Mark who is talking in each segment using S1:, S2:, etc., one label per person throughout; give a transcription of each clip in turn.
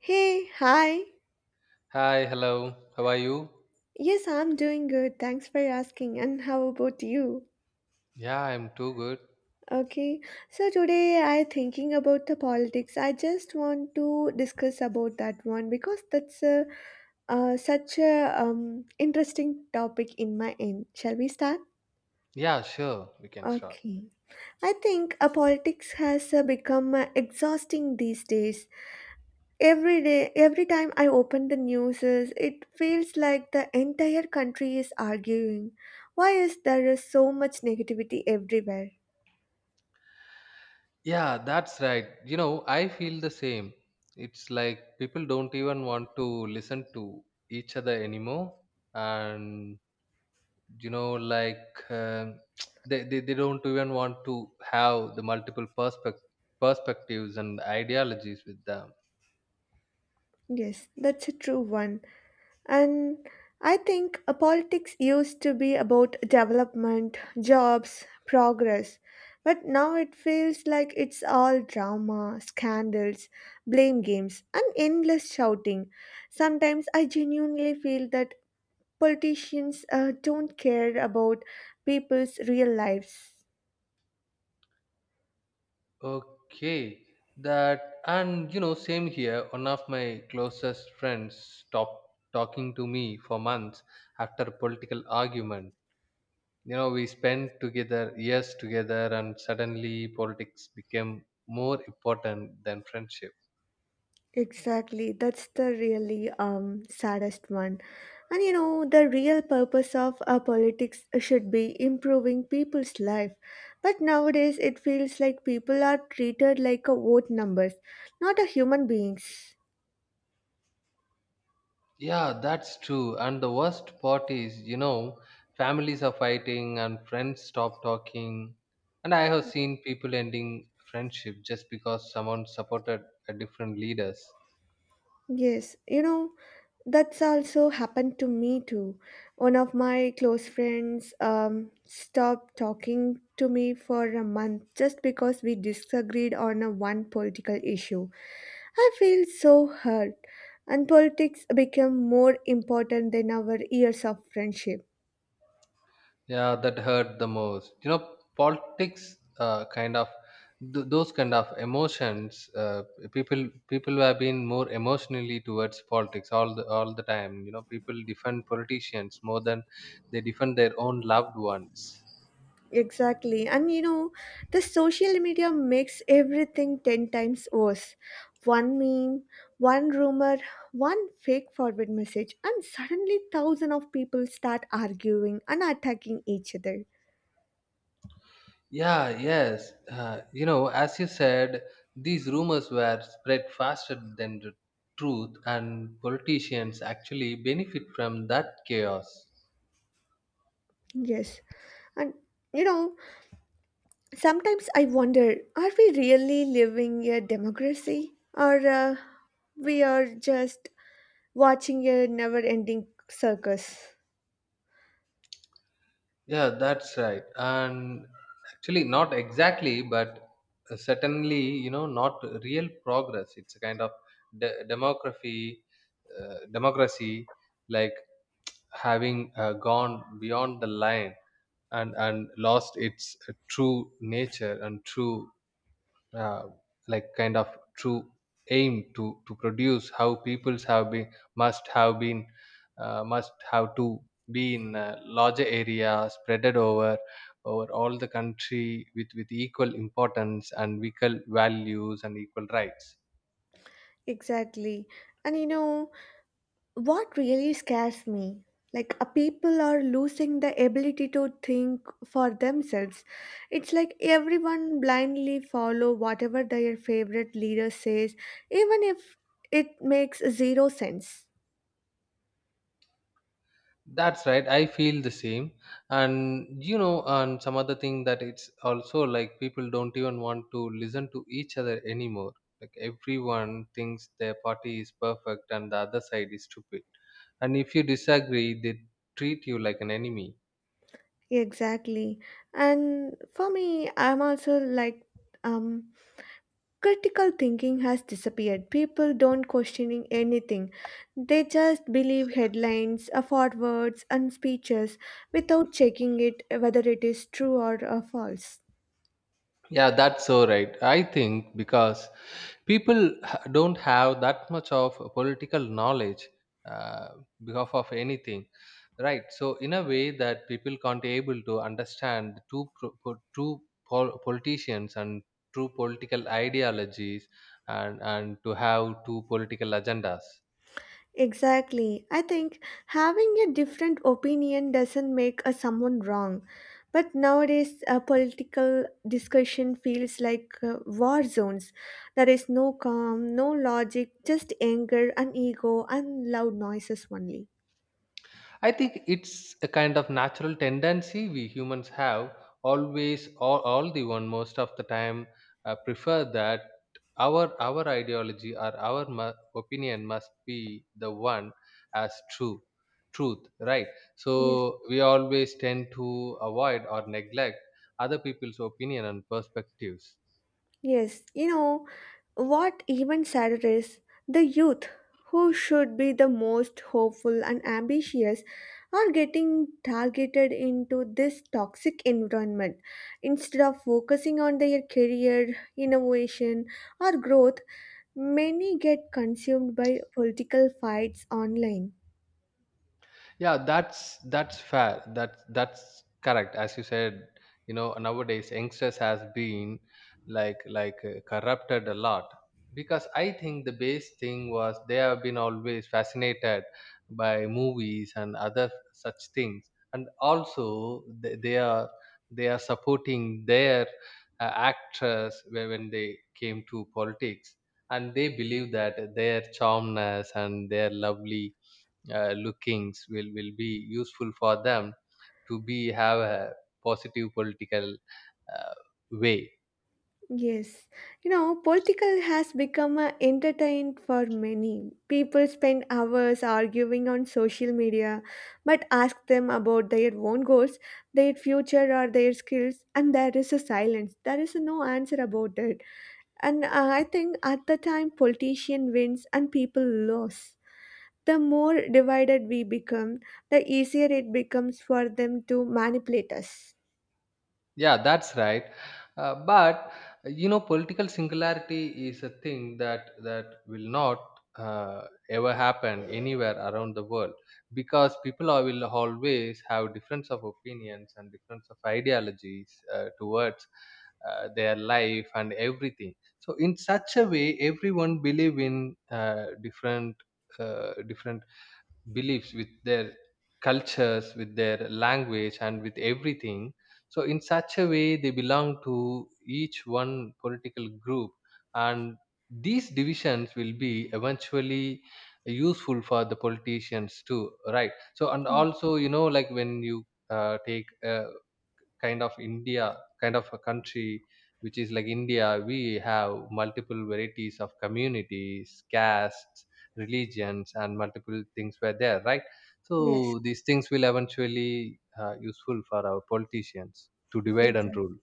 S1: Hey, hi.
S2: Hi, hello. How are you?
S1: Yes, I'm doing good. Thanks for asking. And how about you?
S2: Yeah, I'm too good.
S1: Okay. So today I thinking about the politics. I just want to discuss about that one because that's a, such a interesting topic in my end. Shall we start?
S2: Yeah, sure, we can start.
S1: Okay. I think politics has become exhausting these days. Every day, every time I open the news, it feels like the entire country is arguing. Why is there is so much negativity everywhere?
S2: Yeah, that's right. You know, I feel the same. It's like people don't even want to listen to each other anymore. And, you know, like they don't even want to have the perspectives and ideologies with them.
S1: Yes, that's a true one. And I think politics used to be about development, jobs, progress. But now it feels like it's all drama, scandals, blame games, and endless shouting. Sometimes I genuinely feel that politicians don't care about people's real lives.
S2: Okay, that and you know, same here. One of my closest friends stopped talking to me for months after a political argument. You know, we spent together years together, and suddenly politics became more important than friendship.
S1: Exactly, that's the really saddest one. And you know the real purpose of our politics should be improving people's life, but nowadays it feels like people are treated like a vote numbers, not a human beings.
S2: Yeah, that's true. And the worst part is, you know, families are fighting and friends stop talking. And I have seen people ending friendship just because someone supported a different leaders.
S1: Yes, you know, that's also happened to me too. One of my close friends stopped talking to me for a month just because we disagreed on a one political issue. I feel so hurt, and politics became more important than our years of friendship.
S2: Yeah, that hurt the most. You know, politics, kind of those kind of emotions. People have been more emotionally towards politics all the time. You know, people defend politicians more than they defend their own loved ones.
S1: Exactly. And you know, the social media makes everything 10 times worse. One meme, one rumor, one fake forward message, and suddenly thousands of people start arguing and attacking each other.
S2: Yeah, yes. You know, as you said, these rumors were spread faster than the truth, and politicians actually benefit from that chaos.
S1: Yes. And you know, sometimes I wonder, are we really living a democracy, or we are just watching a never ending circus?
S2: Yeah, that's right. And actually, not exactly, but certainly, you know, not real progress. It's a kind of de- demography, democracy, like having gone beyond the line and lost its true nature and true uh, like kind of true aim to produce how peoples have been must have been, must have to be in a larger area spreaded over all the country with equal importance and equal values and equal rights.
S1: Exactly. And you know, what really scares me, like a people are losing the ability to think for themselves. It's like everyone blindly follow whatever their favorite leader says, even if it makes zero sense.
S2: That's right. I feel the same. And you know, and some other thing that it's also like people don't even want to listen to each other anymore. Like everyone thinks their party is perfect and the other side is stupid. And if you disagree, they treat you like an enemy.
S1: Exactly, and for me I'm also like, um critical thinking has disappeared. People don't questioning anything. They just believe headlines, forwards, and speeches without checking it whether it is true or false.
S2: Yeah, that's so right. I think because people don't have that much of a political knowledge, uh, because of anything, right? So in a way that people can't able to understand the two politicians and true political ideologies and to have two political agendas.
S1: Exactly, I think having a different opinion doesn't make a someone wrong, but nowadays a political discussion feels like war zones. There is no calm, no logic, just anger and ego and loud noises only.
S2: I think it's a kind of natural tendency we humans have always all the one most of the time prefer that our ideology or our opinion must be the one as true truth, right?
S1: Yes.
S2: So we always tend to avoid or neglect other people's opinion and perspectives.
S1: Yes, you know, what even sadder is the youth, who should be the most hopeful and ambitious, are getting targeted into this toxic environment. Instead of focusing on their career, innovation, or growth, many get consumed by political fights online.
S2: Yeah that's that's fair that's that's correct. As you said, you know, nowadays youngsters has been corrupted a lot because I think the base thing was they have been always fascinated by movies and other such things, and also they are supporting their actors when they came to politics, and they believe that their charmness and their lovely lookings will be useful for them to be have a positive political uh, way.
S1: Yes, you know, political has become a entertainment for many. People spend hours arguing on social media, but ask them about their own goals, their future, or their skills, and there is a silence. There is no answer about it. And I think at the time, politician wins and people lose. The more divided we become, the easier it becomes for them to manipulate us.
S2: Yeah, that's right. But you know, political singularity is a thing that will not ever happen anywhere around the world, because people are, will always have difference of opinions and difference of ideologies, towards their life and everything. So, in such a way, everyone believe in different beliefs with their cultures, with their language, and with everything. So in such a way, they belong to each one political group, and these divisions will be eventually useful for the politicians too, right? So and
S1: Yes.
S2: also, you know, like when you take kind of India, kind of a country which is like India, we have multiple varieties of communities, castes, religions, and multiple things were there, right?
S1: Yes,
S2: So these things will eventually useful for our politicians to divide and
S1: exactly.
S2: rule.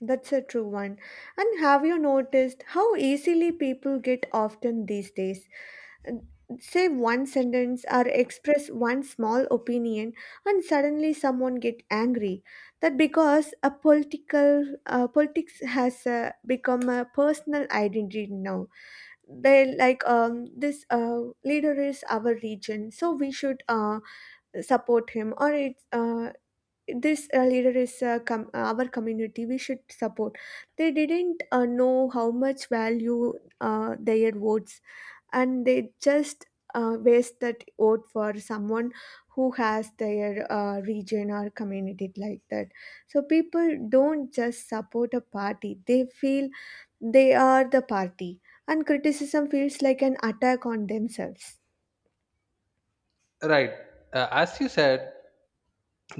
S1: That's a true one. And have you noticed how easily people get often these days? Uh, Say one sentence or express one small opinion, and suddenly someone get angry. That because a political politics has become a personal identity now. They like this leader is our region, so we should support him, or it's this leader is our community, we should support. They didn't know how much value their votes, and they just waste that vote for someone who has their region or community like that. So people don't just support a party, they feel they are the party, and criticism feels like an attack on themselves.
S2: Right. As you said,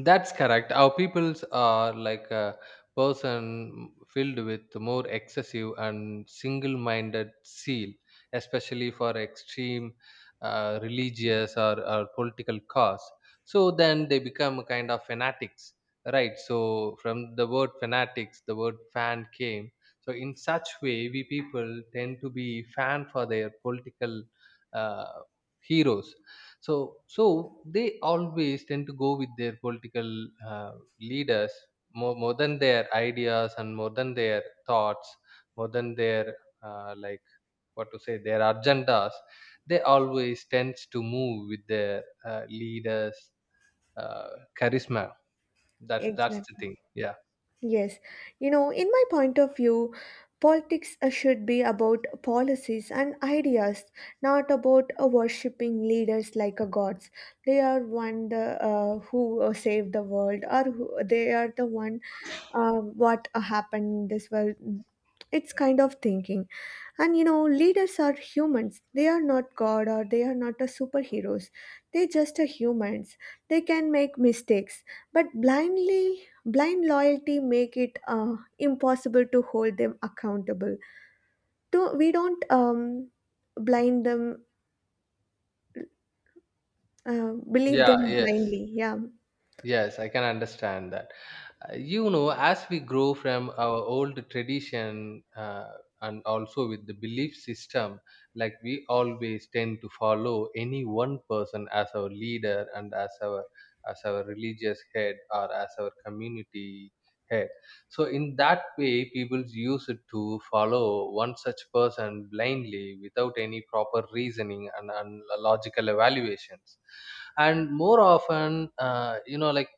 S2: that's correct. Our peoples are like a person filled with more excessive and single-minded zeal, especially for extreme religious or political cause. So then they become a kind of fanatics, right? So from the word fanatics, the word fan came. So in such way, we people tend to be fan for their political uh, heroes. So they always tend to go with their political uh, leaders, more than their ideas and more than their thoughts, more than their uh, like what to say, their agendas. They always tends to move with their leaders' uh, charisma. That's the
S1: Exactly.
S2: thing, yeah.
S1: Yes, you know, in my point of view, politics should be about policies and ideas, not about worshipping leaders like gods. They are one the who save the world, or who, they are the one what happened in this world. It's kind of thinking. And you know, leaders are humans. They are not God or they are not a superheroes. They just are humans. They can make mistakes, but blind loyalty make it impossible to hold them accountable. To we don't blind them, believe
S2: yeah
S1: them
S2: yes
S1: blindly. Yeah.
S2: yes I can understand that. You know, as we grow from our old tradition, and also with the belief system, like we always tend to follow any one person as our leader and as our religious head or as our community head. So in that way, people use it to follow one such person blindly without any proper reasoning and logical evaluations. And more often, you know, like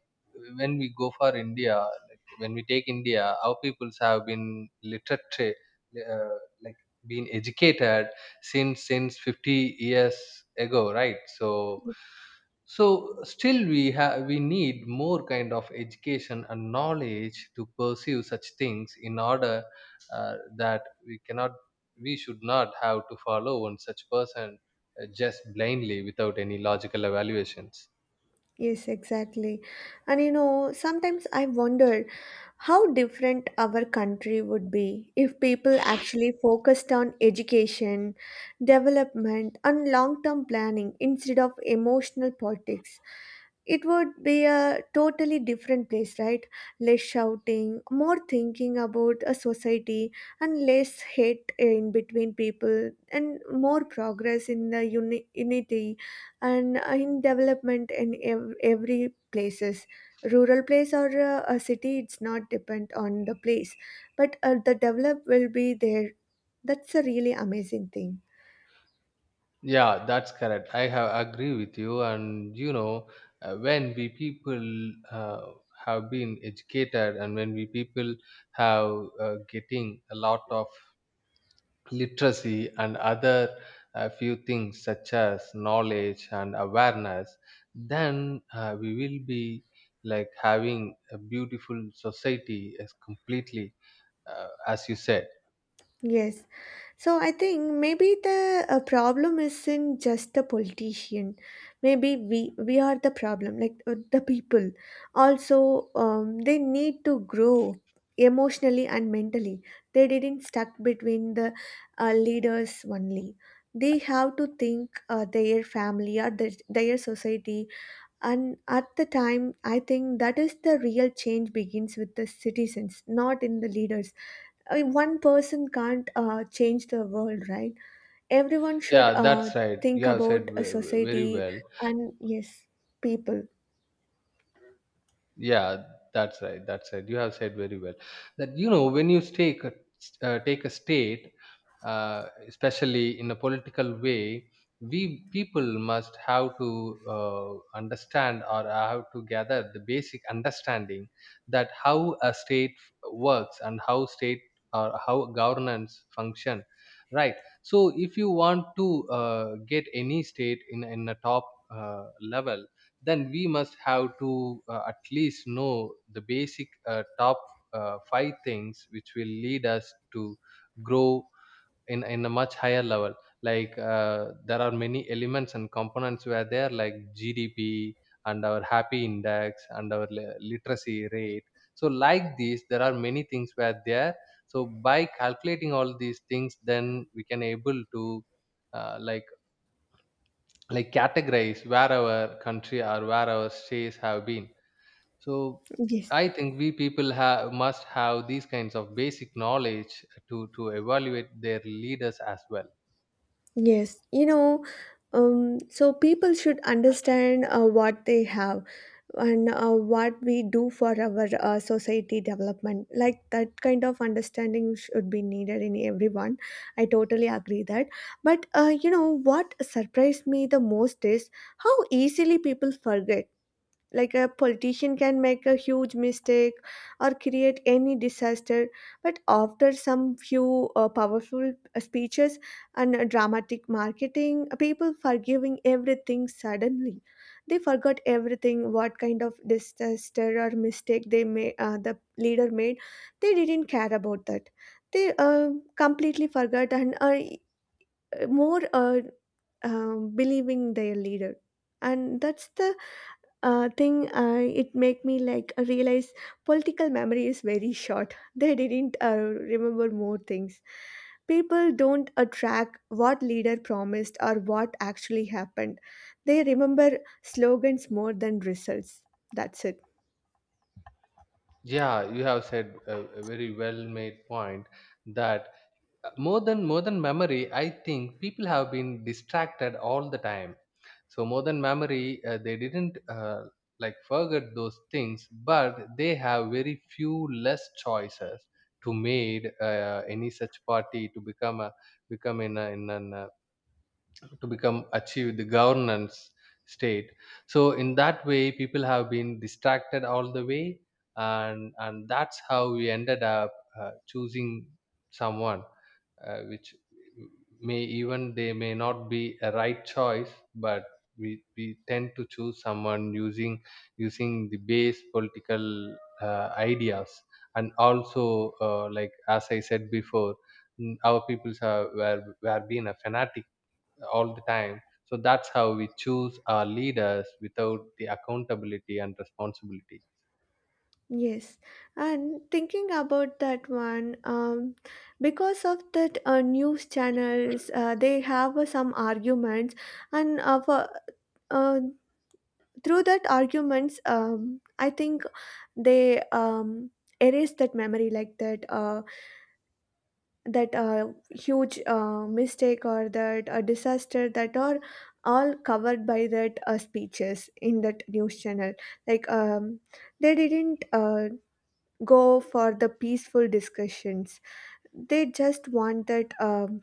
S2: when we go for india, like when we take india, our peoples have been literate, uh, like been educated since 50 years ago, right? So still we need more kind of education and knowledge to pursue such things in order, uh, that we cannot, we should not have to follow one such person, just blindly without any logical evaluations.
S1: Yes, exactly. And you know, sometimes I wonder how different our country would be if people actually focused on education, development, and long term planning instead of emotional politics. It would be a totally different place, right? Less shouting, more thinking about a society, and less hate in between people, and more progress in the unity and in development in every places. Rural place or a city, it's not depend on the place, but the develop will be there. That's a really amazing thing.
S2: Yeah, that's correct. I have agree with you, and you know, when we people uh, have been educated, and when we people have getting a lot of literacy and other few things such as knowledge and awareness, then we will be like having a beautiful society as completely, as you said.
S1: Yes. So I think maybe the problem isn't just the politician. Maybe we are the problem, like the people. Also, they need to grow emotionally and mentally. They didn't stuck between the leaders only. They have to think their family or their society, and at the time, I think that is the real change begins with the citizens, not in the leaders. I mean, one person can't change the world, right? Everyone should
S2: Yeah, that's right. You
S1: think
S2: have said
S1: about a
S2: very
S1: society
S2: well.
S1: and, yes, people.
S2: Yeah that's right that's right You have said very well that, you know, when you take a state, especially in a political way, we people must have to understand or have to gather the basic understanding that how a state works and how state or how governance function, right? So if you want to get any state in a top uh, level, then we must have to, at least know the basic, top five things which will lead us to grow in a much higher level. Like there are many elements and components where they are, like GDP and our happy index and our literacy rate. So like these, there are many things where there. So by calculating all these things, then we can able to uh, like categorize where our country or where our states have been. So
S1: Yes.
S2: I think we people have must have these kinds of basic knowledge to evaluate their leaders as well.
S1: Yes, you know, so people should understand what they have, and what we do for our society development, like that kind of understanding should be needed in everyone. I totally agree that, but you know what surprised me the most is how easily people forget. Like a politician can make a huge mistake or create any disaster, but after some few powerful speeches and dramatic marketing, people forgiving everything suddenly. They forgot everything what kind of disaster or mistake they may the leader made. They didn't care about that. They completely forgot and more believing their leader. And that's the thing, it make me like realize political memory is very short. They didn't remember more things. People don't track what leader promised or what actually happened. They remember slogans more than results, that's it.
S2: Yeah, you have said a very well made point that, more than memory, I think people have been distracted all the time. So modern memory, they didn't forget those things, but they have very few less choices to made any such party to become a become in a, in an to become achieved the governance state. So in that way, people have been distracted all the way, and that's how we ended up choosing someone, which may even they may not be a right choice, but we tend to choose someone using the base political ideas. And also, as I said before, mm, our peoples were being a fanatic all the time. So that's how we choose our leaders without the accountability and responsibility.
S1: Yes, and thinking about that one, because of that news channels, they have some arguments, and uh, through that arguments, I think they erase that memory, like that that huge mistake or that disaster that are all covered by that speeches in that news channel. Like they didn't go for the peaceful discussions. They just want that um,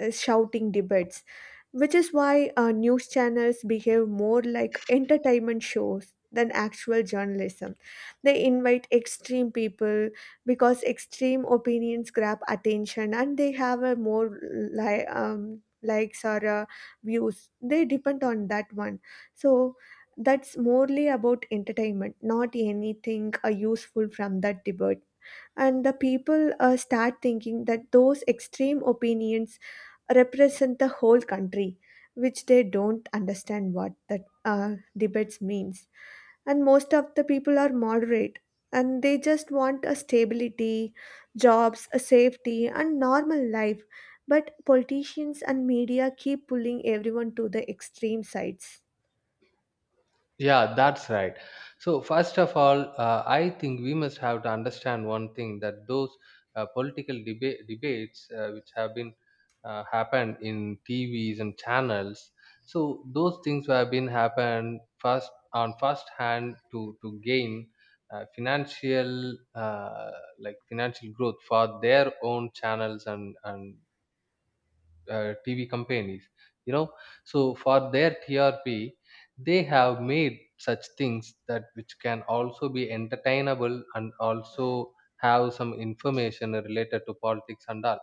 S1: uh, shouting debates, which is why news channels behave more like entertainment shows than actual journalism. They invite extreme people because extreme opinions grab attention, and they have a more likes or views, they depend on that one. So that's morely about entertainment, not anything useful from that debate. And the people start thinking that those extreme opinions represent the whole country, which they don't understand what that debates means. And most of the people are moderate, and they just want a stability, jobs, a safety, and normal life. But politicians and media keep pulling everyone to the extreme sides.
S2: Yeah, that's right. So first of all, I think we must have to understand one thing, that those debates, which have been happened in tvs and channels, so those things have been happened first on first hand to gain uh, financial uh, financial growth for their own channels and TV companies, you know. So for their TRP, they have made such things that which can also be entertainable and also have some information related to politics and all.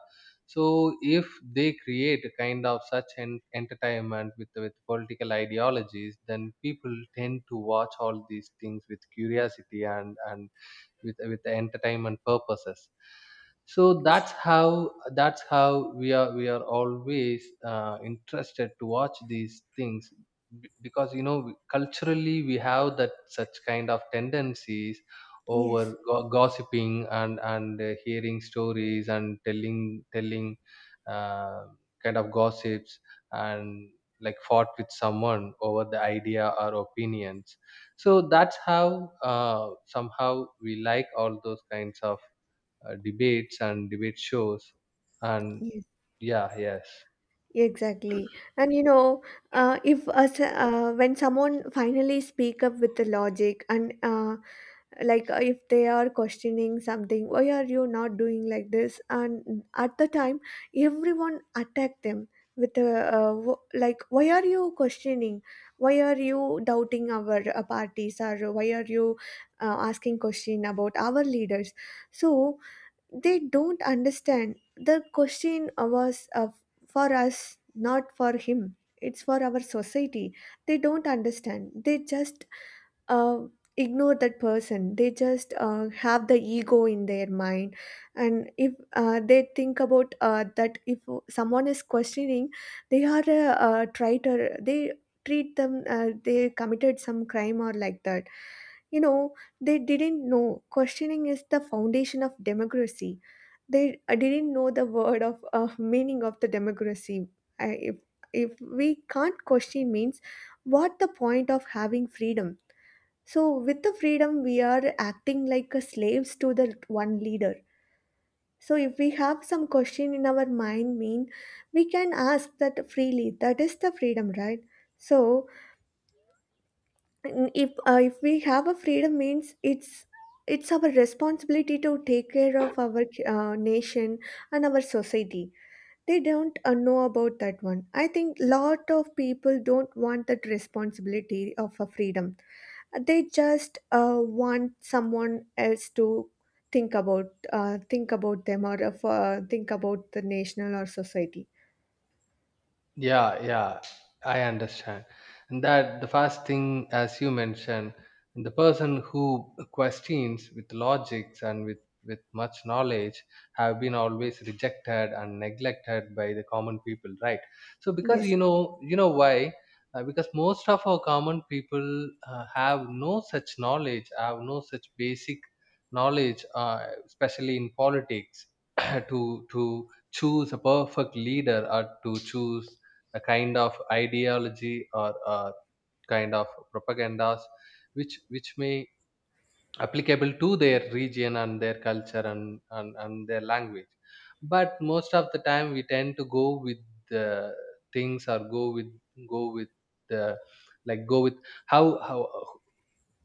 S2: So if they create a kind of such entertainment with political ideologies, then people tend to watch all these things with curiosity and with entertainment purposes. So that's how we are, we are always interested to watch these things, because, you know, culturally we have that such kind of tendencies over
S1: Yes.
S2: gossiping and hearing stories and telling uh, kind of gossips, and like fought with someone over the idea or opinions. So that's how, somehow, we like all those kinds of debates and debate shows, and
S1: Yes.
S2: yeah, yes.
S1: Exactly. And you know, if us when someone finally speak up with the logic and like if they are questioning something, why are you not doing like this? And at the time, everyone attack them with a like, why are you questioning? Why are you doubting our parties? Or why are you asking question about our leaders? So they don't understand the question was for us, not for him. It's for our society. They don't understand, they just uh, ignore that person. They just have the ego in their mind, and if they think about that if someone is questioning, they are a traitor. They treat them they committed some crime or like that. You know, they didn't know questioning is the foundation of democracy. They didn't know the word of meaning of the democracy. I, if, if we can't question means what the point of having freedom? So with the freedom, we are acting like a slaves to the one leader. So if we have some question in our mind, mean we can ask that freely. That is the freedom, right? So if we have a freedom means it's our responsibility to take care of our nation and our society. They don't know about that one. I think lot of people don't want that responsibility of a freedom. They just want someone else to think about them, or think about the national or society.
S2: Yeah, I understand. And that the first thing, as you mentioned, the person who questions with logics and with much knowledge have been always rejected and neglected by the common people, right? So because
S1: Yes.
S2: you know why? Because most of our common people have no such knowledge, have no such basic knowledge, especially in politics, to choose a perfect leader or to choose a kind of ideology or a kind of propagandas which may applicable to their region and their culture, and their language. But most of the time we tend to go with the things or go with the go with how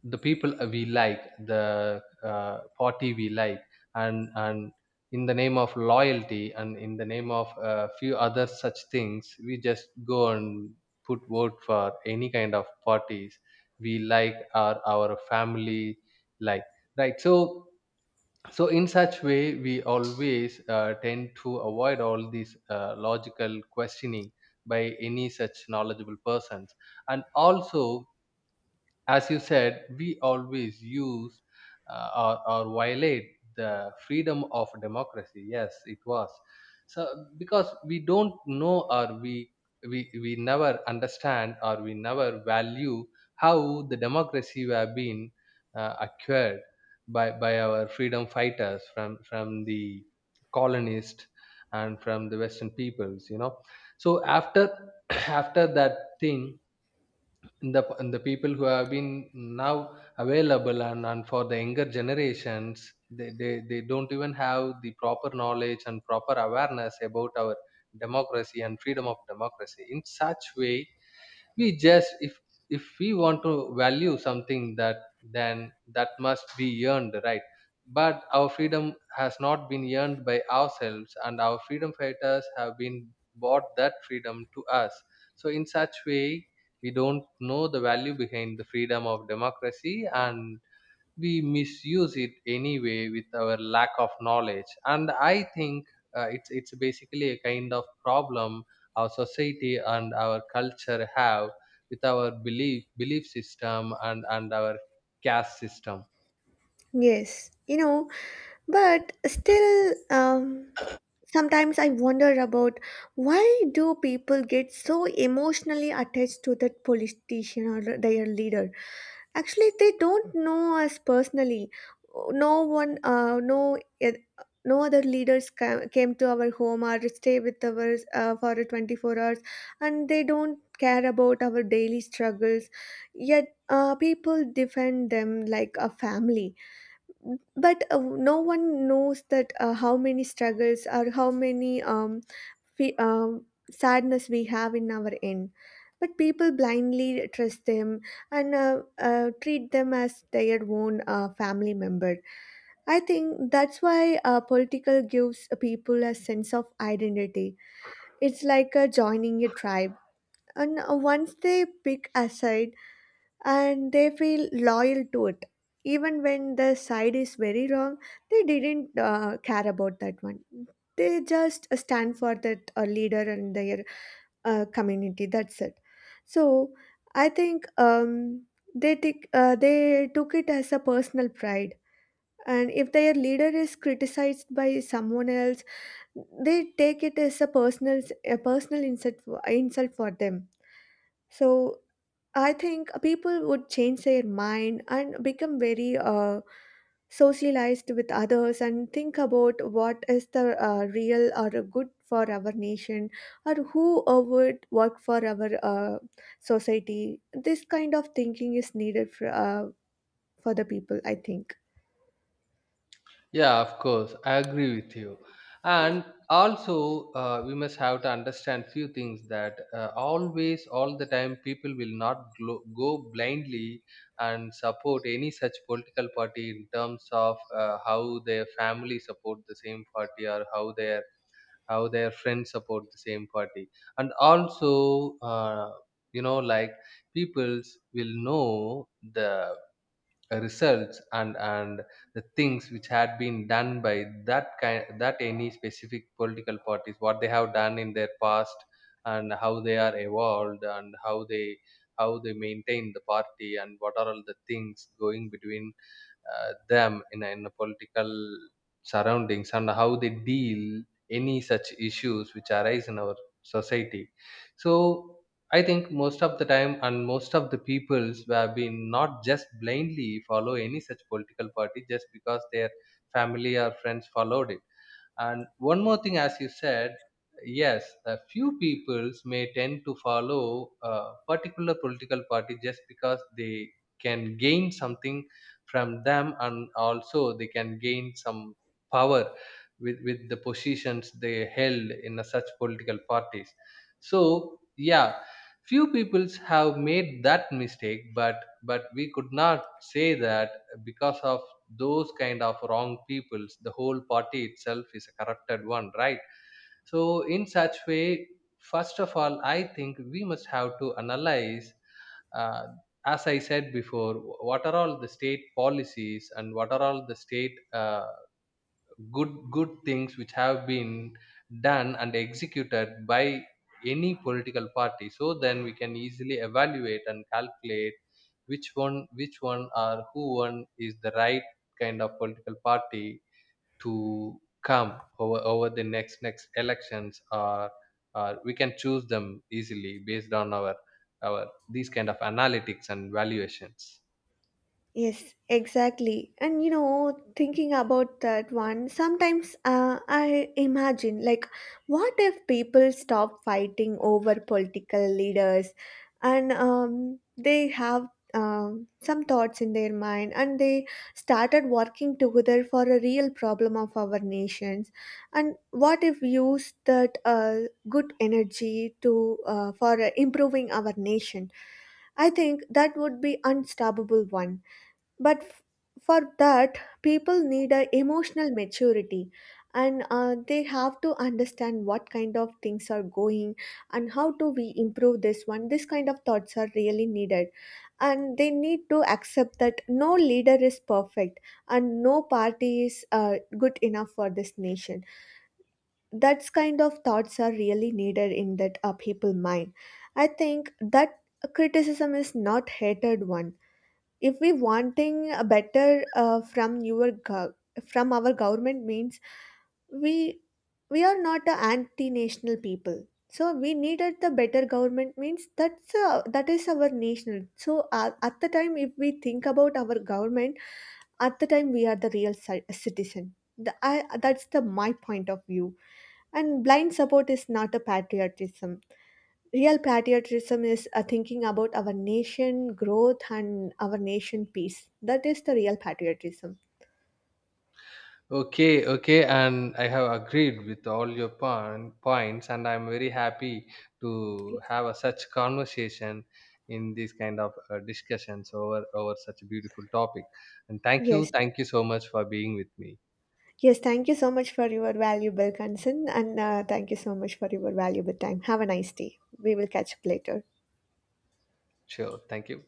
S2: the people we like, the party we like, and in the name of loyalty and in the name of a few other such things, we just go and put vote for any kind of parties we like or our family like, right? so so in such way we always tend to avoid all these logical questioning by any such knowledgeable persons. And also, as you said, we always use or violate the freedom of democracy. Yes, it was. So because we don't know, or we never understand or we never value how the democracy have been acquired by our freedom fighters from the colonists and from the western peoples, you know. So after after that thing, the the people who have been now available, and for the younger generations, they don't even have the proper knowledge and proper awareness about our democracy and freedom of democracy. In such way, we just, if we want to value something, that then that must be earned, right? But our freedom has not been earned by ourselves, and our freedom fighters have been bought that freedom to us. So in such way, we don't know the value behind the freedom of democracy, and we misuse it anyway with our lack of knowledge. And I think it's basically a kind of problem our society and our culture have with our belief system, and our caste system.
S1: Yes, you know, but still, sometimes I wonder about why do people get so emotionally attached to that politician or their leader? Actually, they don't know us personally. No one, no, eh, No other leaders came to our home or stay with us for 24 hours, and they don't care about our daily struggles. Yet, people defend them like a family, but no one knows that how many struggles or how many fe- um, sadness we have in our end, but people blindly trust them and treat them as their own family member. I think that's why political gives people a sense of identity. It's like joining a tribe, and once they pick a side and they feel loyal to it, even when the side is very wrong, they didn't care about that one. They just stand for that leader and their community, that's it. So I think they take they took it as a personal pride, and if their leader is criticized by someone else, they take it as a personal insult insult for them. So I think people would change their mind and become very socialized with others and think about what is the real or good for our nation, or who would work for our society. This kind of thinking is needed for the people, I think.
S2: Yeah, of course, I agree with you. And also, we must have to understand few things that always, all the time, people will not go blindly and support any such political party in terms of how their family support the same party or how their friends support the same party. And also, you know, like peoples will know the results, and the things which had been done by that kind that any specific political parties, what they have done in their past, and how they are evolved, and how they maintain the party, and what are all the things going between them in a political surroundings, and how they deal any such issues which arise in our society. So I think most of the time and most of the peoples have been not just blindly follow any such political party just because their family or friends followed it. And one more thing, as you said, yes, a few peoples may tend to follow a particular political party just because they can gain something from them, and also they can gain some power with the positions they held in a such political parties. So yeah, few peoples have made that mistake, but we could not say that because of those kind of wrong peoples the whole party itself is a corrupted one, right? So in such way, first of all, I think we must have to analyze, uh, as I said before, what are all the state policies and what are all the state good things which have been done and executed by any political party. So then we can easily evaluate and calculate which one or who one is the right kind of political party to come over the next elections, or we can choose them easily based on our these kind of analytics and valuations.
S1: Yes, exactly. And you know, thinking about that one, sometimes I imagine, like, what if people stop fighting over political leaders and they have some thoughts in their mind and they started working together for a real problem of our nations? And what if we use that good energy to for improving our nation? I think that would be unstoppable one, but for that people need a emotional maturity, and they have to understand what kind of things are going and how do we improve this one. This kind of thoughts are really needed, and they need to accept that no leader is perfect and no party is good enough for this nation. That's kind of thoughts are really needed in that people mind. I think that criticism is not hated one. If we wanting a better from our government means, we we are not a anti-national people, so we needed the better government means that's that is our national. So at the time if we think about our government, at the time we are the real citizen the, that's the my point of view. And blind support is not a patriotism. Real patriotism is thinking about our nation growth and our nation peace. That is the real patriotism.
S2: Okay, okay, and I have agreed with all your points, and I'm very happy to have a such conversation in this kind of discussions over such a beautiful topic. And
S1: Yes.
S2: thank you so much for being with me.
S1: Yes. Thank you so much for your valuable concern and thank you so much for your valuable time. Have a nice day. We will catch up later.
S2: Sure, thank you.